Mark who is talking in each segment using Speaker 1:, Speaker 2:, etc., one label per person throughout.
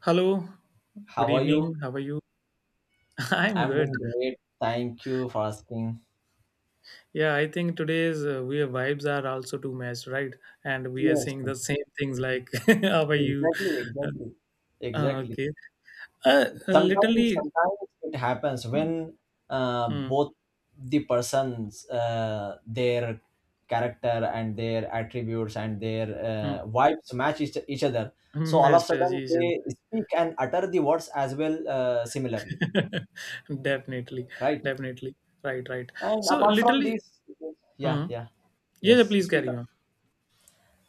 Speaker 1: Hello, good
Speaker 2: How are you?
Speaker 1: evening. How are you? I'm
Speaker 2: I'm
Speaker 1: good.
Speaker 2: doing great. Thank you for asking.
Speaker 1: Yeah, I think today's vibes are also too much, right? And we are
Speaker 2: Yes,
Speaker 1: saying the same things like, how are you?
Speaker 2: exactly,
Speaker 1: Uh,
Speaker 2: exactly,
Speaker 1: uh,
Speaker 2: exactly.
Speaker 1: okay. Uh, uh,
Speaker 2: Sometimes,
Speaker 1: literally,
Speaker 2: sometimes it happens when
Speaker 1: hmm,
Speaker 2: both the persons, their character and their attributes and their
Speaker 1: hmm,
Speaker 2: vibes match each other. So all of a
Speaker 1: master as
Speaker 2: sudden
Speaker 1: usual.
Speaker 2: they speak and utter the words as well similarly,
Speaker 1: Definitely,
Speaker 2: right?
Speaker 1: definitely. Right, right.
Speaker 2: And
Speaker 1: So,
Speaker 2: apart from
Speaker 1: literally,
Speaker 2: this, yeah,
Speaker 1: hmm.
Speaker 2: yeah,
Speaker 1: Yeah, yeah,
Speaker 2: yes.
Speaker 1: please
Speaker 2: Speak
Speaker 1: carry on.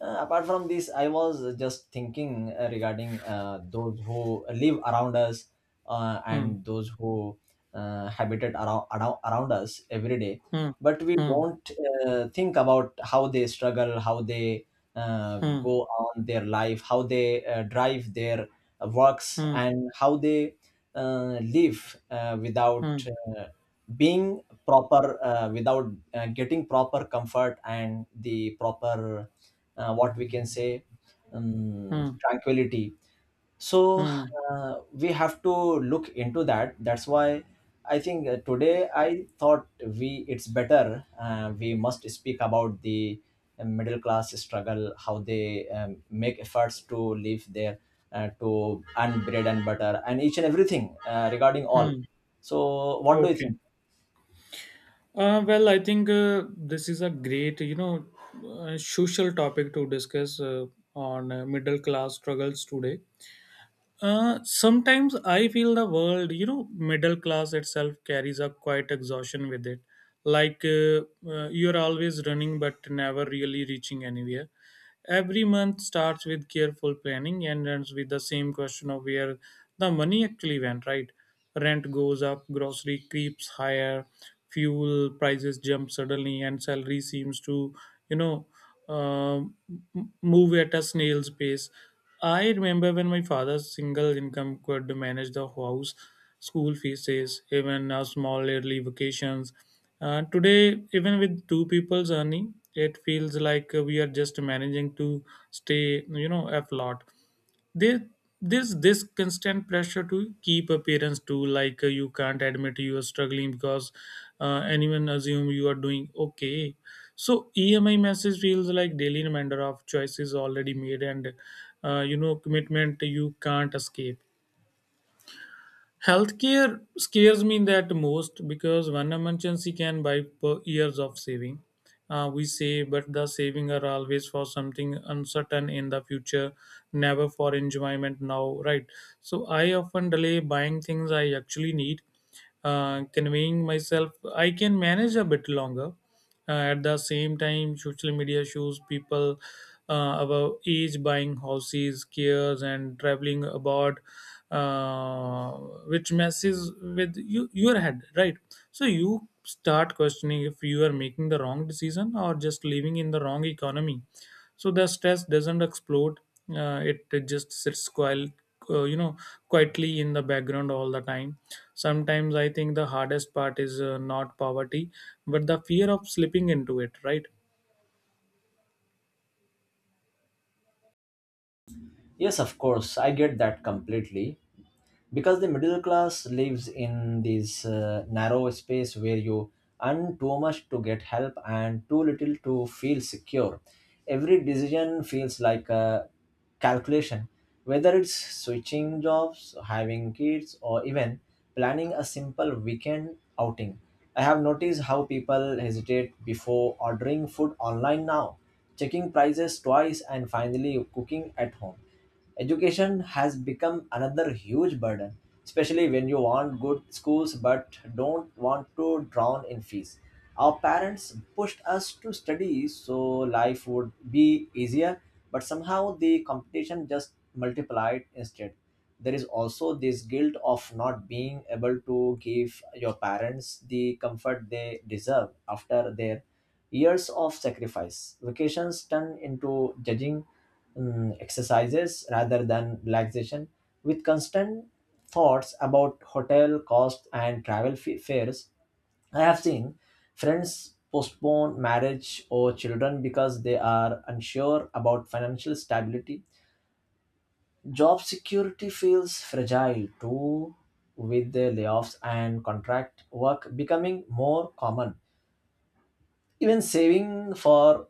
Speaker 2: Apart from this, I was just thinking regarding those who live around us,
Speaker 1: Hmm,
Speaker 2: and those who habitat around us every day,
Speaker 1: hmm,
Speaker 2: but we
Speaker 1: hmm,
Speaker 2: don't think about how they struggle, how they
Speaker 1: hmm,
Speaker 2: go on their life, how they drive their works,
Speaker 1: hmm,
Speaker 2: and how they live, without
Speaker 1: hmm,
Speaker 2: uh, being proper, without getting proper comfort and the proper, what we can say,
Speaker 1: hmm,
Speaker 2: tranquility. So
Speaker 1: hmm,
Speaker 2: we have to look into that. That's why I think today I thought we it's better, we must speak about the middle class struggle, how they make efforts to live there, to earn bread and butter and each and everything regarding all.
Speaker 1: hmm.
Speaker 2: So what do you
Speaker 1: Okay.
Speaker 2: think?
Speaker 1: Well, I think this is a great, social topic to discuss on middle class struggles today. Sometimes I feel the world, middle class itself carries a quite exhaustion with it. Like you're always running but never really reaching anywhere. Every month starts with careful planning and ends with the same question of where the money actually went, right? Rent goes up, grocery creeps higher, fuel prices jump suddenly, and salary seems to, you know, um, move at a snail's pace. I remember when my father's single income could manage the house, school fees, even small yearly vacations. Today, even with two people's earning, it feels like we are just managing to stay, you know, afloat. There there's this constant pressure to keep appearance too, like you can't admit you are struggling because anyone assume you are doing okay. So EMI message feels like daily reminder of choices already made, and commitment you can't escape. Healthcare scares me that most because one emergency can buy per years of saving. We say, but the saving are always for something uncertain in the future, never for enjoyment now, right? So I often delay buying things I actually need, conveying myself I can manage a bit longer. At the same time, social media shows people our age buying houses, cares, and traveling abroad, uh, which messes with you, your head, right? So you start questioning if you are making the wrong decision or just living in the wrong economy. So the stress doesn't explode; it just sits quiet, uh, you know, quietly in the background all the time. Sometimes I think the hardest part is not poverty, but the fear of slipping into it, right?
Speaker 2: Yes, of course, I get that completely, because the middle class lives in this narrow space where you earn too much to get help and too little to feel secure. Every decision feels like a calculation, whether it's switching jobs, having kids, or even planning a simple weekend outing. I have noticed how people hesitate before ordering food online now, checking prices twice, and finally cooking at home. Education has become another huge burden, especially when you want good schools but don't want to drown in fees. Our parents pushed us to study so life would be easier, but somehow the competition just multiplied instead. There is also this guilt of not being able to give your parents the comfort they deserve after their years of sacrifice. Vacations turn into judging exercises rather than relaxation, with constant thoughts about hotel costs and travel fares. I have seen friends postpone marriage or children because they are unsure about financial stability. Job security feels fragile too, with the layoffs and contract work becoming more common. Even saving for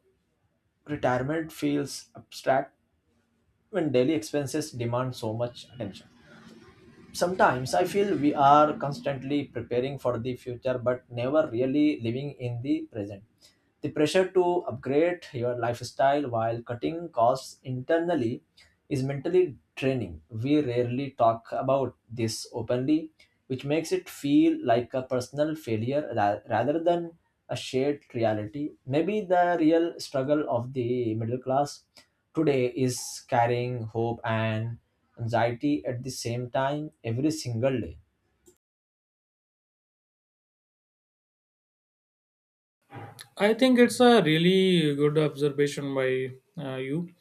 Speaker 2: retirement feels abstract when daily expenses demand so much attention. Sometimes I feel we are constantly preparing for the future but never really living in the present. The pressure to upgrade your lifestyle while cutting costs internally is mentally draining. We rarely talk about this openly, which makes it feel like a personal failure rather than a shared reality. Maybe the real struggle of the middle class today is carrying hope and anxiety at the same time every single day.
Speaker 1: I think it's a really good observation by you.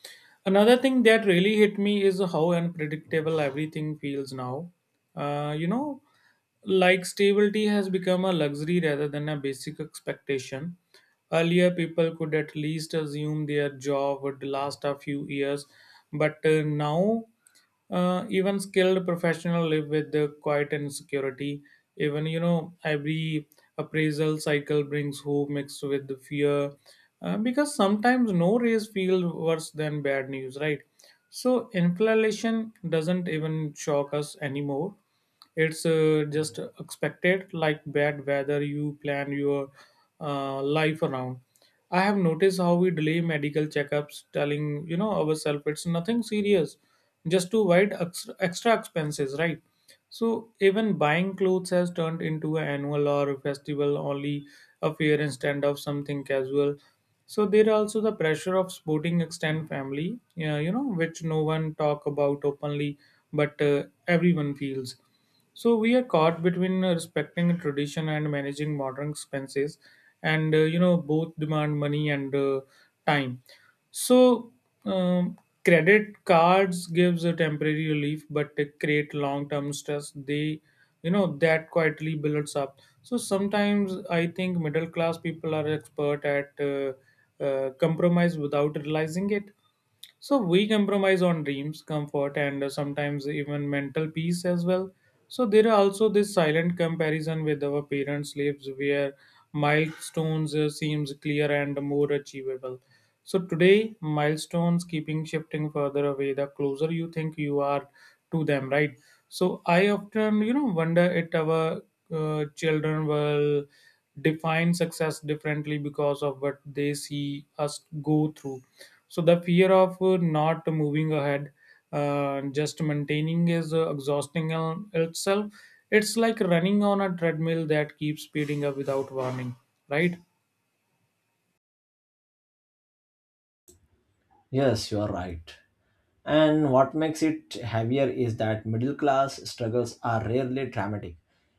Speaker 1: Another thing that really hit me is how unpredictable everything feels now. Uh, you know, like stability has become a luxury rather than a basic expectation. Earlier, people could at least assume their job would last a few years, but now, even skilled professionals live with the quiet insecurity. Even, every appraisal cycle brings hope mixed with the fear, because sometimes no raise feel worse than bad news, right? So inflation doesn't even shock us anymore. It's just expected, like bad weather. You plan your life around. I have noticed how we delay medical checkups, telling ourselves it's nothing serious, just to avoid extra expenses, right? So even buying clothes has turned into an annual or a festival only affair instead of something casual. So there are also the pressure of sporting extended family, which no one talk about openly, but everyone feels. So we are caught between respecting tradition and managing modern expenses, and both demand money and time. So um, credit cards gives a temporary relief, but they create long term stress. They, that quietly builds up. So sometimes I think middle class people are expert at compromise without realizing it. So we compromise on dreams, comfort, and sometimes even mental peace as well. So there are also this silent comparison with our parents' lives where milestones seems clear and more achievable. So today, milestones keeping shifting further away the closer you think you are to them, right? So I often, wonder if our children will define success differently because of what they see us go through. So the fear of not moving ahead, just maintaining is exhausting on itself. It's like running on a treadmill that keeps speeding up without warning, right?
Speaker 2: Yes, you are right. And what makes it heavier is that middle class struggles are rarely dramatic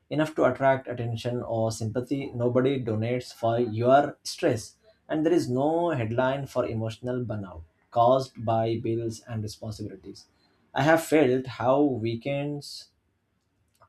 Speaker 2: enough to attract attention or sympathy. Nobody donates for your stress, and there is no headline for emotional burnout caused by bills and responsibilities. I have felt how weekends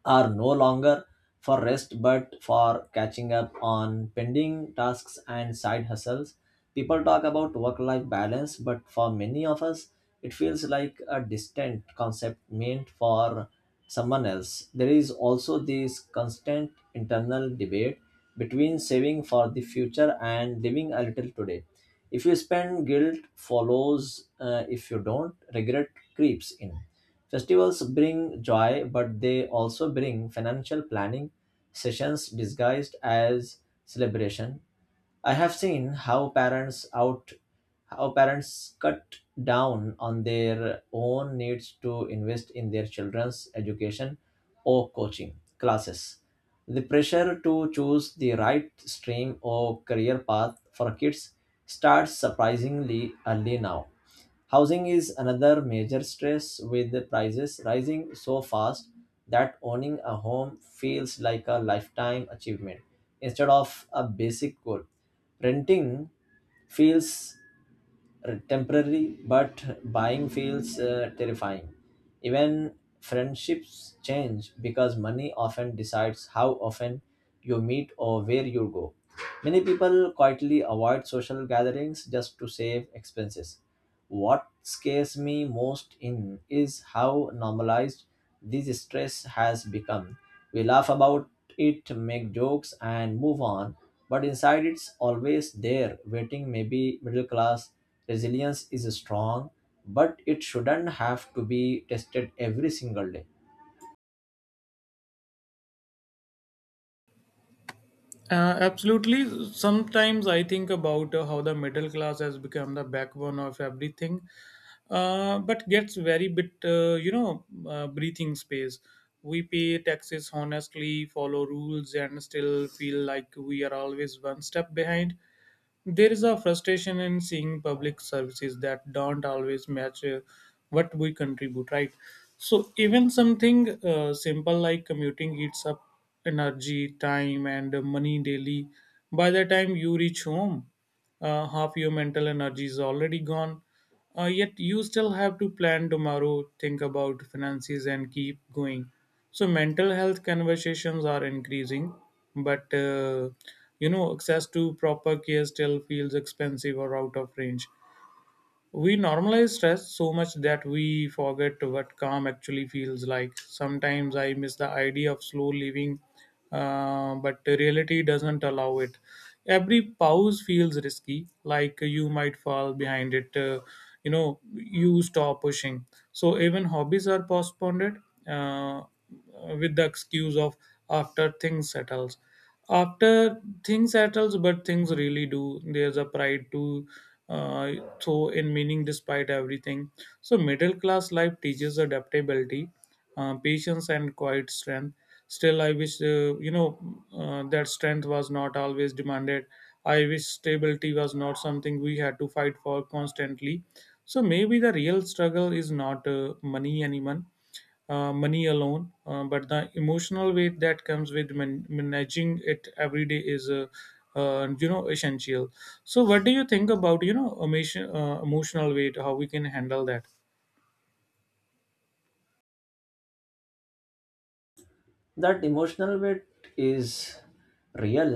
Speaker 2: are no longer for rest but for catching up on pending tasks and side hustles. People talk about work life balance, but for many of us, it feels like a distant concept meant for someone else. There is also this constant internal debate between saving for the future and living a little today. If you spend, guilt follows. If you don't, regret creeps in. Festivals bring joy, but they also bring financial planning sessions disguised as celebration. I have seen how parents cut down on their own needs to invest in their children's education or coaching classes. The pressure to choose the right stream or career path for kids starts surprisingly early now. Housing is another major stress, with the prices rising so fast that owning a home feels like a lifetime achievement instead of a basic goal. Renting feels temporary, but buying feels terrifying. Even friendships change because money often decides how often you meet or where you go. Many people quietly avoid social gatherings just to save expenses. What scares me most in is how normalized this stress has become. We laugh about it, make jokes, and move on, but inside it's always there, waiting. Maybe middle class resilience is strong, but it shouldn't have to be tested every single day.
Speaker 1: Absolutely. Sometimes I think about how the middle class has become the backbone of everything, but gets very bit, breathing space. We pay taxes honestly, follow rules, and still feel like we are always one step behind. There is a frustration in seeing public services that don't always match what we contribute, right? So even something simple like commuting eats up energy, time, and money daily. By the time you reach home, half your mental energy is already gone. Yet you still have to plan tomorrow, think about finances, and keep going. So mental health conversations are increasing, but access to proper care still feels expensive or out of range. We normalize stress so much that we forget what calm actually feels like. Sometimes I miss the idea of slow living, but the reality doesn't allow it. Every pause feels risky, like you might fall behind it. You stop pushing. So even hobbies are postponed, uh, with the excuse of after things settles after things settles, but things really do. There's a pride to uh, so in meaning despite everything. So middle class life teaches adaptability, patience and quiet strength. Still I wish, that strength was not always demanded. I wish stability was not something we had to fight for constantly. So maybe the real struggle is not money anymore, money alone, but the emotional weight that comes with managing it every day is, essential. So, what do you think about, emotion, emotional weight? How we can handle that?
Speaker 2: That emotional bit is real,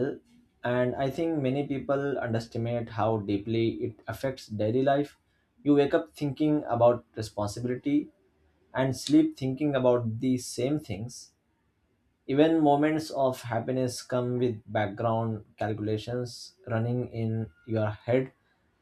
Speaker 2: and I think many people underestimate how deeply it affects daily life. You wake up thinking about responsibility and sleep thinking about the same things. Even moments of happiness come with background calculations running in your head.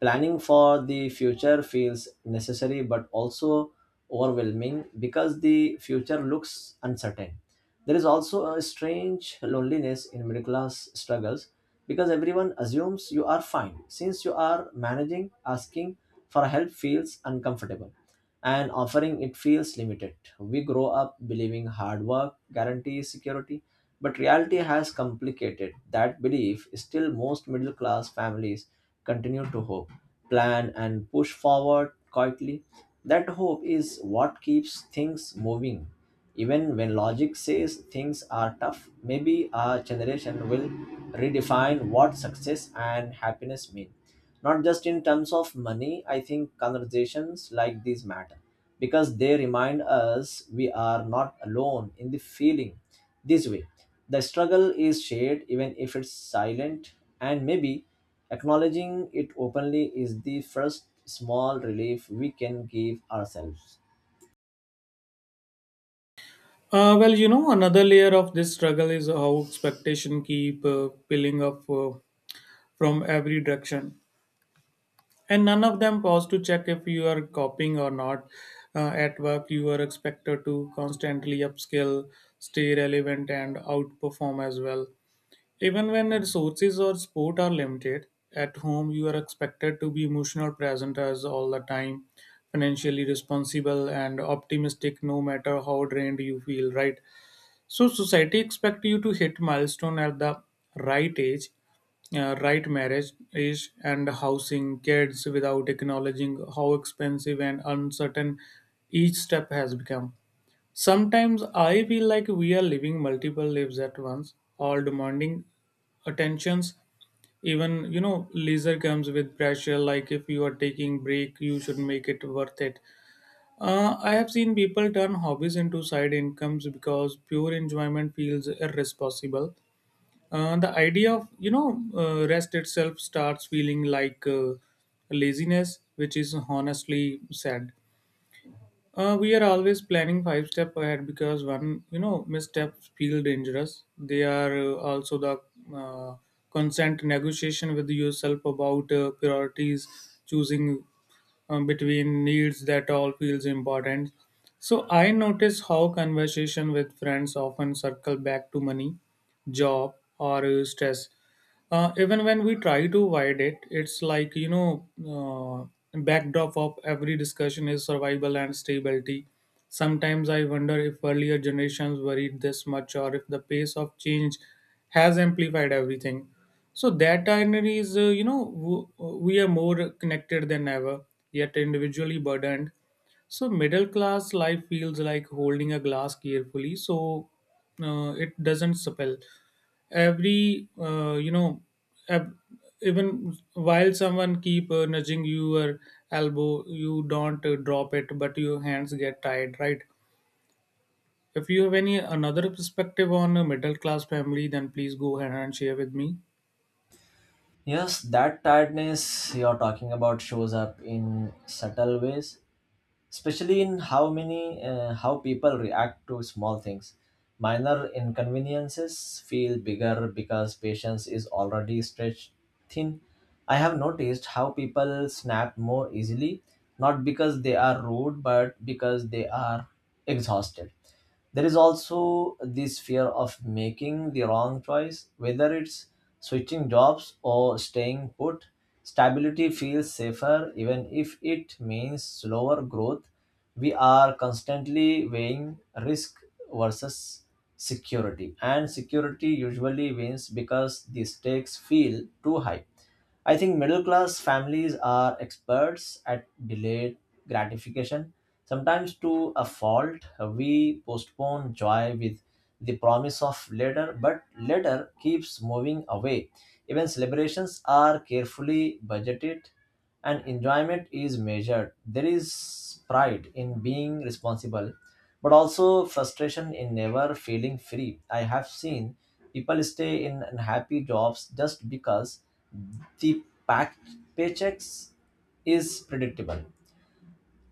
Speaker 2: Planning for the future feels necessary but also overwhelming because the future looks uncertain. There is also a strange loneliness in middle class struggles, because everyone assumes you are fine since you are managing. Asking for help feels uncomfortable, and offering it feels limited. We grow up believing hard work guarantees security, but reality has complicated that belief. Still, most middle class families continue to hope, plan, and push forward quietly. That hope is what keeps things moving. Even when logic says things are tough, maybe our generation will redefine what success and happiness mean, not just in terms of money. I think conversations like these matter, because they remind us we are not alone in the feeling this way. The struggle is shared even if it's silent, and maybe acknowledging it openly is the first small relief we can give ourselves.
Speaker 1: Well, another layer of this struggle is how expectation keep piling up, from every direction, and none of them pause to check if you are coping or not. At work, you are expected to constantly upskill, stay relevant, and outperform as well. Even when resources or support are limited, at home you are expected to be emotional presenters all the time, financially responsible and optimistic no matter how drained you feel, right? So society expect you to hit milestone at the right age, right marriage age and housing kids without acknowledging how expensive and uncertain each step has become. Sometimes I feel like we are living multiple lives at once, all demanding attentions. Even, leisure comes with pressure, like if you are taking break, you should make it worth it. I have seen people turn hobbies into side incomes because pure enjoyment feels irresponsible. The idea of, rest itself starts feeling like laziness, which is honestly sad. We are always planning five step ahead because one, missteps feel dangerous. They are also the uh, consent negotiation with yourself about priorities, choosing between needs that all feels important. So I notice how conversation with friends often circle back to money, job or stress, even when we try to avoid it. It's like, uh, backdrop of every discussion is survival and stability. Sometimes I wonder if earlier generations worried this much or if the pace of change has amplified everything. So that irony is, we are more connected than ever, yet individually burdened. So middle class life feels like holding a glass carefully, so it doesn't spill. Every, ev- even while someone keep nudging your elbow, you don't drop it, but your hands get tired, right? If you have any another perspective on a middle class family, then please go ahead and share with me.
Speaker 2: Yes, that tiredness you're talking about shows up in subtle ways, especially in how people react to small things. Minor inconveniences feel bigger because patience is already stretched thin. I have noticed how people snap more easily, not because they are rude, but because they are exhausted. There is also this fear of making the wrong choice, whether it's switching jobs or staying put. Stability feels safer even if it means slower growth. We are constantly weighing risk versus security, and security usually wins because the stakes feel too high. I think middle class families are experts at delayed gratification, sometimes to a fault. We postpone joy with the promise of later, but later keeps moving away. Even celebrations are carefully budgeted and enjoyment is measured. There is pride in being responsible, but also frustration in never feeling free. I have seen people stay in unhappy jobs just because the back paychecks is predictable.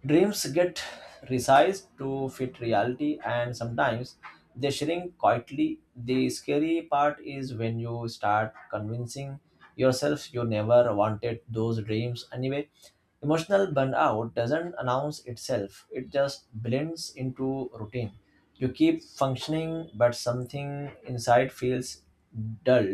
Speaker 2: Dreams get resized to fit reality, and sometimes they shrink quietly. The scary part is when you start convincing yourself you never wanted those dreams anyway. Emotional burnout doesn't announce itself, it just blends into routine. You keep functioning, but something inside feels dull.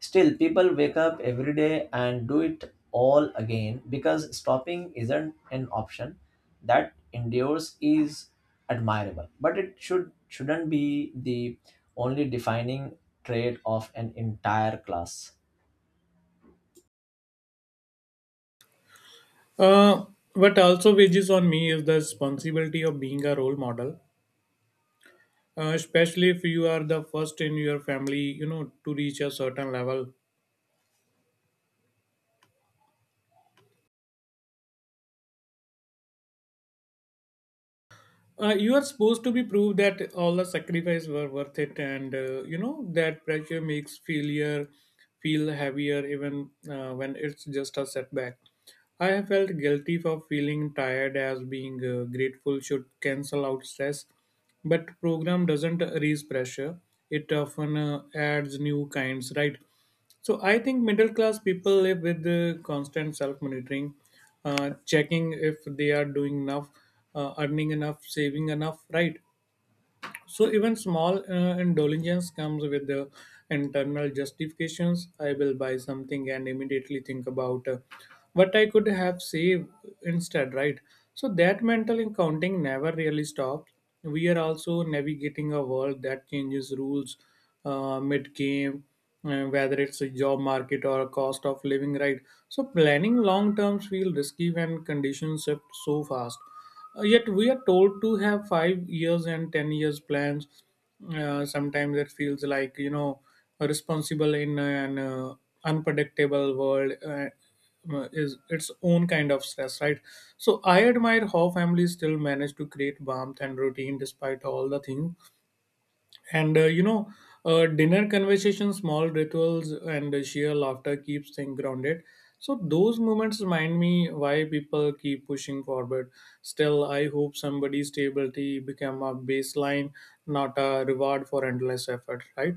Speaker 2: Still, people wake up every day and do it all again because stopping isn't an option. That endures is admirable, but it shouldn't be the only defining trait of an entire class.
Speaker 1: Uh, what also wages on me is the responsibility of being a role model. Especially if you are the first in your family, to reach a certain level. You are supposed to be proved that all the sacrifice were worth it, and that pressure makes failure feel heavier, even when it's just a setback. I have felt guilty for feeling tired as being grateful should cancel out stress. But program doesn't raise pressure. It often adds new kinds, right? So I think middle class people live with the constant self monitoring, checking if they are doing enough, earning enough, saving enough, right? So even small indulgence comes with the internal justifications. I will buy something and immediately think about what I could have saved instead, right? So that mental accounting never really stops. We are also navigating a world that changes rules, mid game, whether it's a job market or a cost of living, right? So planning long terms feel risky when conditions shift so fast. Yet we are told to have 5 years and 10 years plans. Sometimes it feels like, responsible in an unpredictable world is its own kind of stress, right? So I admire how families still manage to create warmth and routine despite all the things, and dinner conversations, small rituals, and sheer laughter keeps things grounded. So those moments remind me why people keep pushing forward. Still, I hope somebody's stability become a baseline, not a reward for endless effort. Right.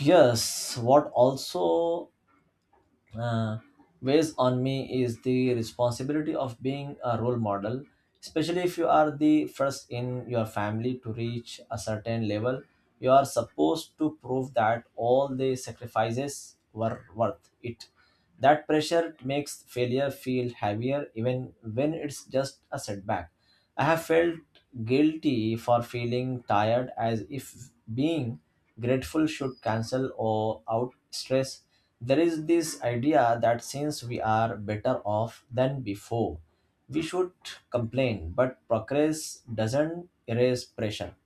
Speaker 2: Yes, what also uh, weighs on me is the responsibility of being a role model, especially if you are the first in your family to reach a certain level. You are supposed to prove that all the sacrifices were worth it. That pressure makes failure feel heavier even when it's just a setback. I have felt guilty for feeling tired, as if being grateful should cancel or out stress. There is this idea that since we are better off than before, we should complain, but progress doesn't erase pressure.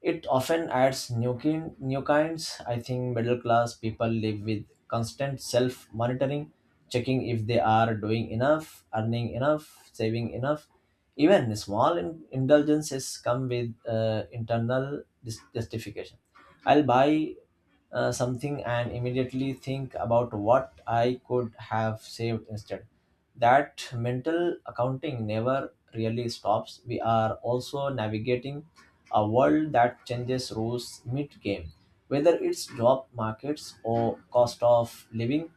Speaker 2: It often adds new kinds. I think middle class people live with constant self monitoring, checking if they are doing enough, earning enough, saving enough. Even small indulgences come with internal justification. I'll buy something and immediately think about what I could have saved instead. That mental accounting never really stops. We are also navigating a world that changes rules mid-game. Whether it's job markets or cost of living,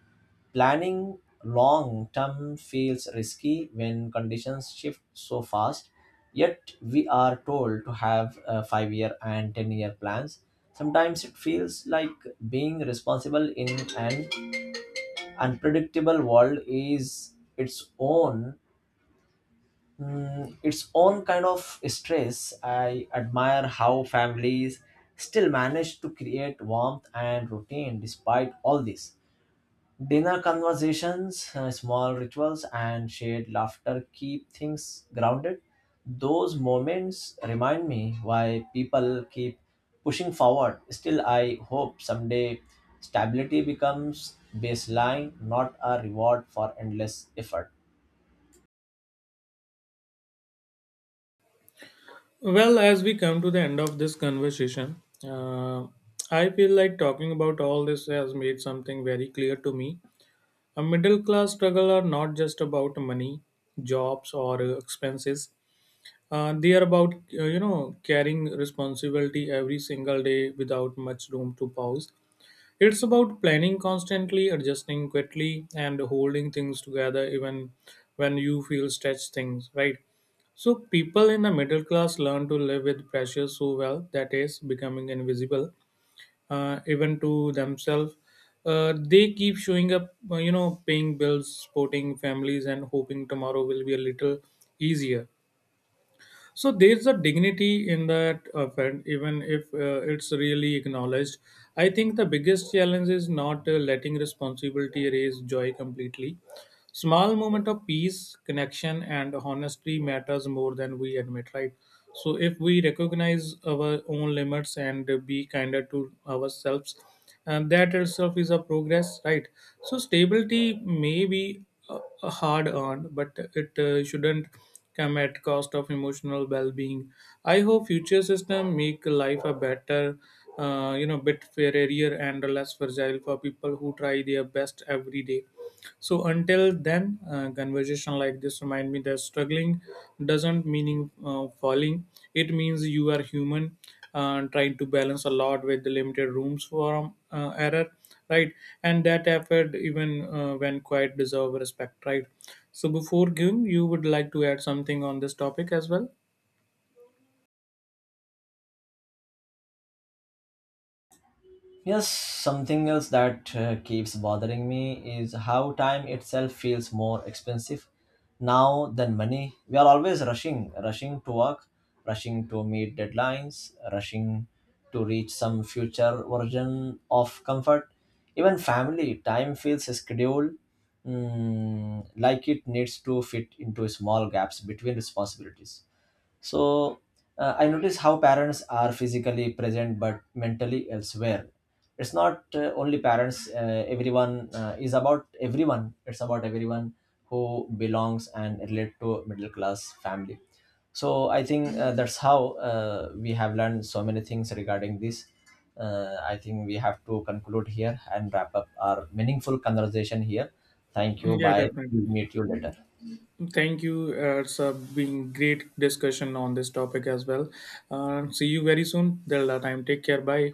Speaker 2: planning long term feels risky when conditions shift so fast. Yet we are told to have 5 year and 10-year plans. Sometimes it feels like being responsible in an unpredictable world is its own kind of stress. I admire how families still manage to create warmth and routine despite all this. Dinner conversations, small rituals, and shared laughter keep things grounded. Those moments remind me why people keep pushing forward. Still, I hope someday stability becomes baseline, not a reward for endless effort.
Speaker 1: Well, as we come to the end of this conversation, uh, I feel like talking about all this has made something very clear to me. A middle class struggle are not just about money, jobs, or expenses. They are about carrying responsibility every single day without much room to pause. It's about planning constantly, adjusting quickly, and holding things together even when you feel stretched things right. So people in the middle class learn to live with pressure so well that is becoming invisible, even to themselves. They keep showing up, paying bills, supporting families, and hoping tomorrow will be a little easier. So there's a dignity in that offend, even if it's really acknowledged. I think the biggest challenge is not letting responsibility erase joy completely. Small moment of peace, connection and honesty matters more than we admit, right? So if we recognize our own limits and be kinder to ourselves, and that itself is a progress, right? So stability may be uh, hard earned, but it shouldn't come at cost of emotional well-being. I hope future system make life a better, bit fairer and less fragile for people who try their best every day. So until then, conversation like this remind me that struggling doesn't mean falling. It means you are human, trying to balance a lot with the limited rooms for error, right? And that effort, even when quite, deserve respect, right? So before giving, you would like to add something on this topic as well?
Speaker 2: Yes, something else that keeps bothering me is how time itself feels more expensive now than money. We are always rushing, rushing to work, rushing to meet deadlines, rushing to reach some future version of comfort. Even family time feels scheduled, like it needs to fit into small gaps between responsibilities. So I notice how parents are physically present but mentally elsewhere. It's not only parents, everyone, is about everyone. It's about everyone who belongs and relate to a middle class family. So I think that's how we have learned so many things regarding this. I think we have to conclude here and wrap up our meaningful conversation here. Thank you.
Speaker 1: Yeah,
Speaker 2: Bye. We'll
Speaker 1: definitely.
Speaker 2: meet you later.
Speaker 1: Thank you. It's been great discussion on this topic as well. See you very soon. Till that time, take care. Bye.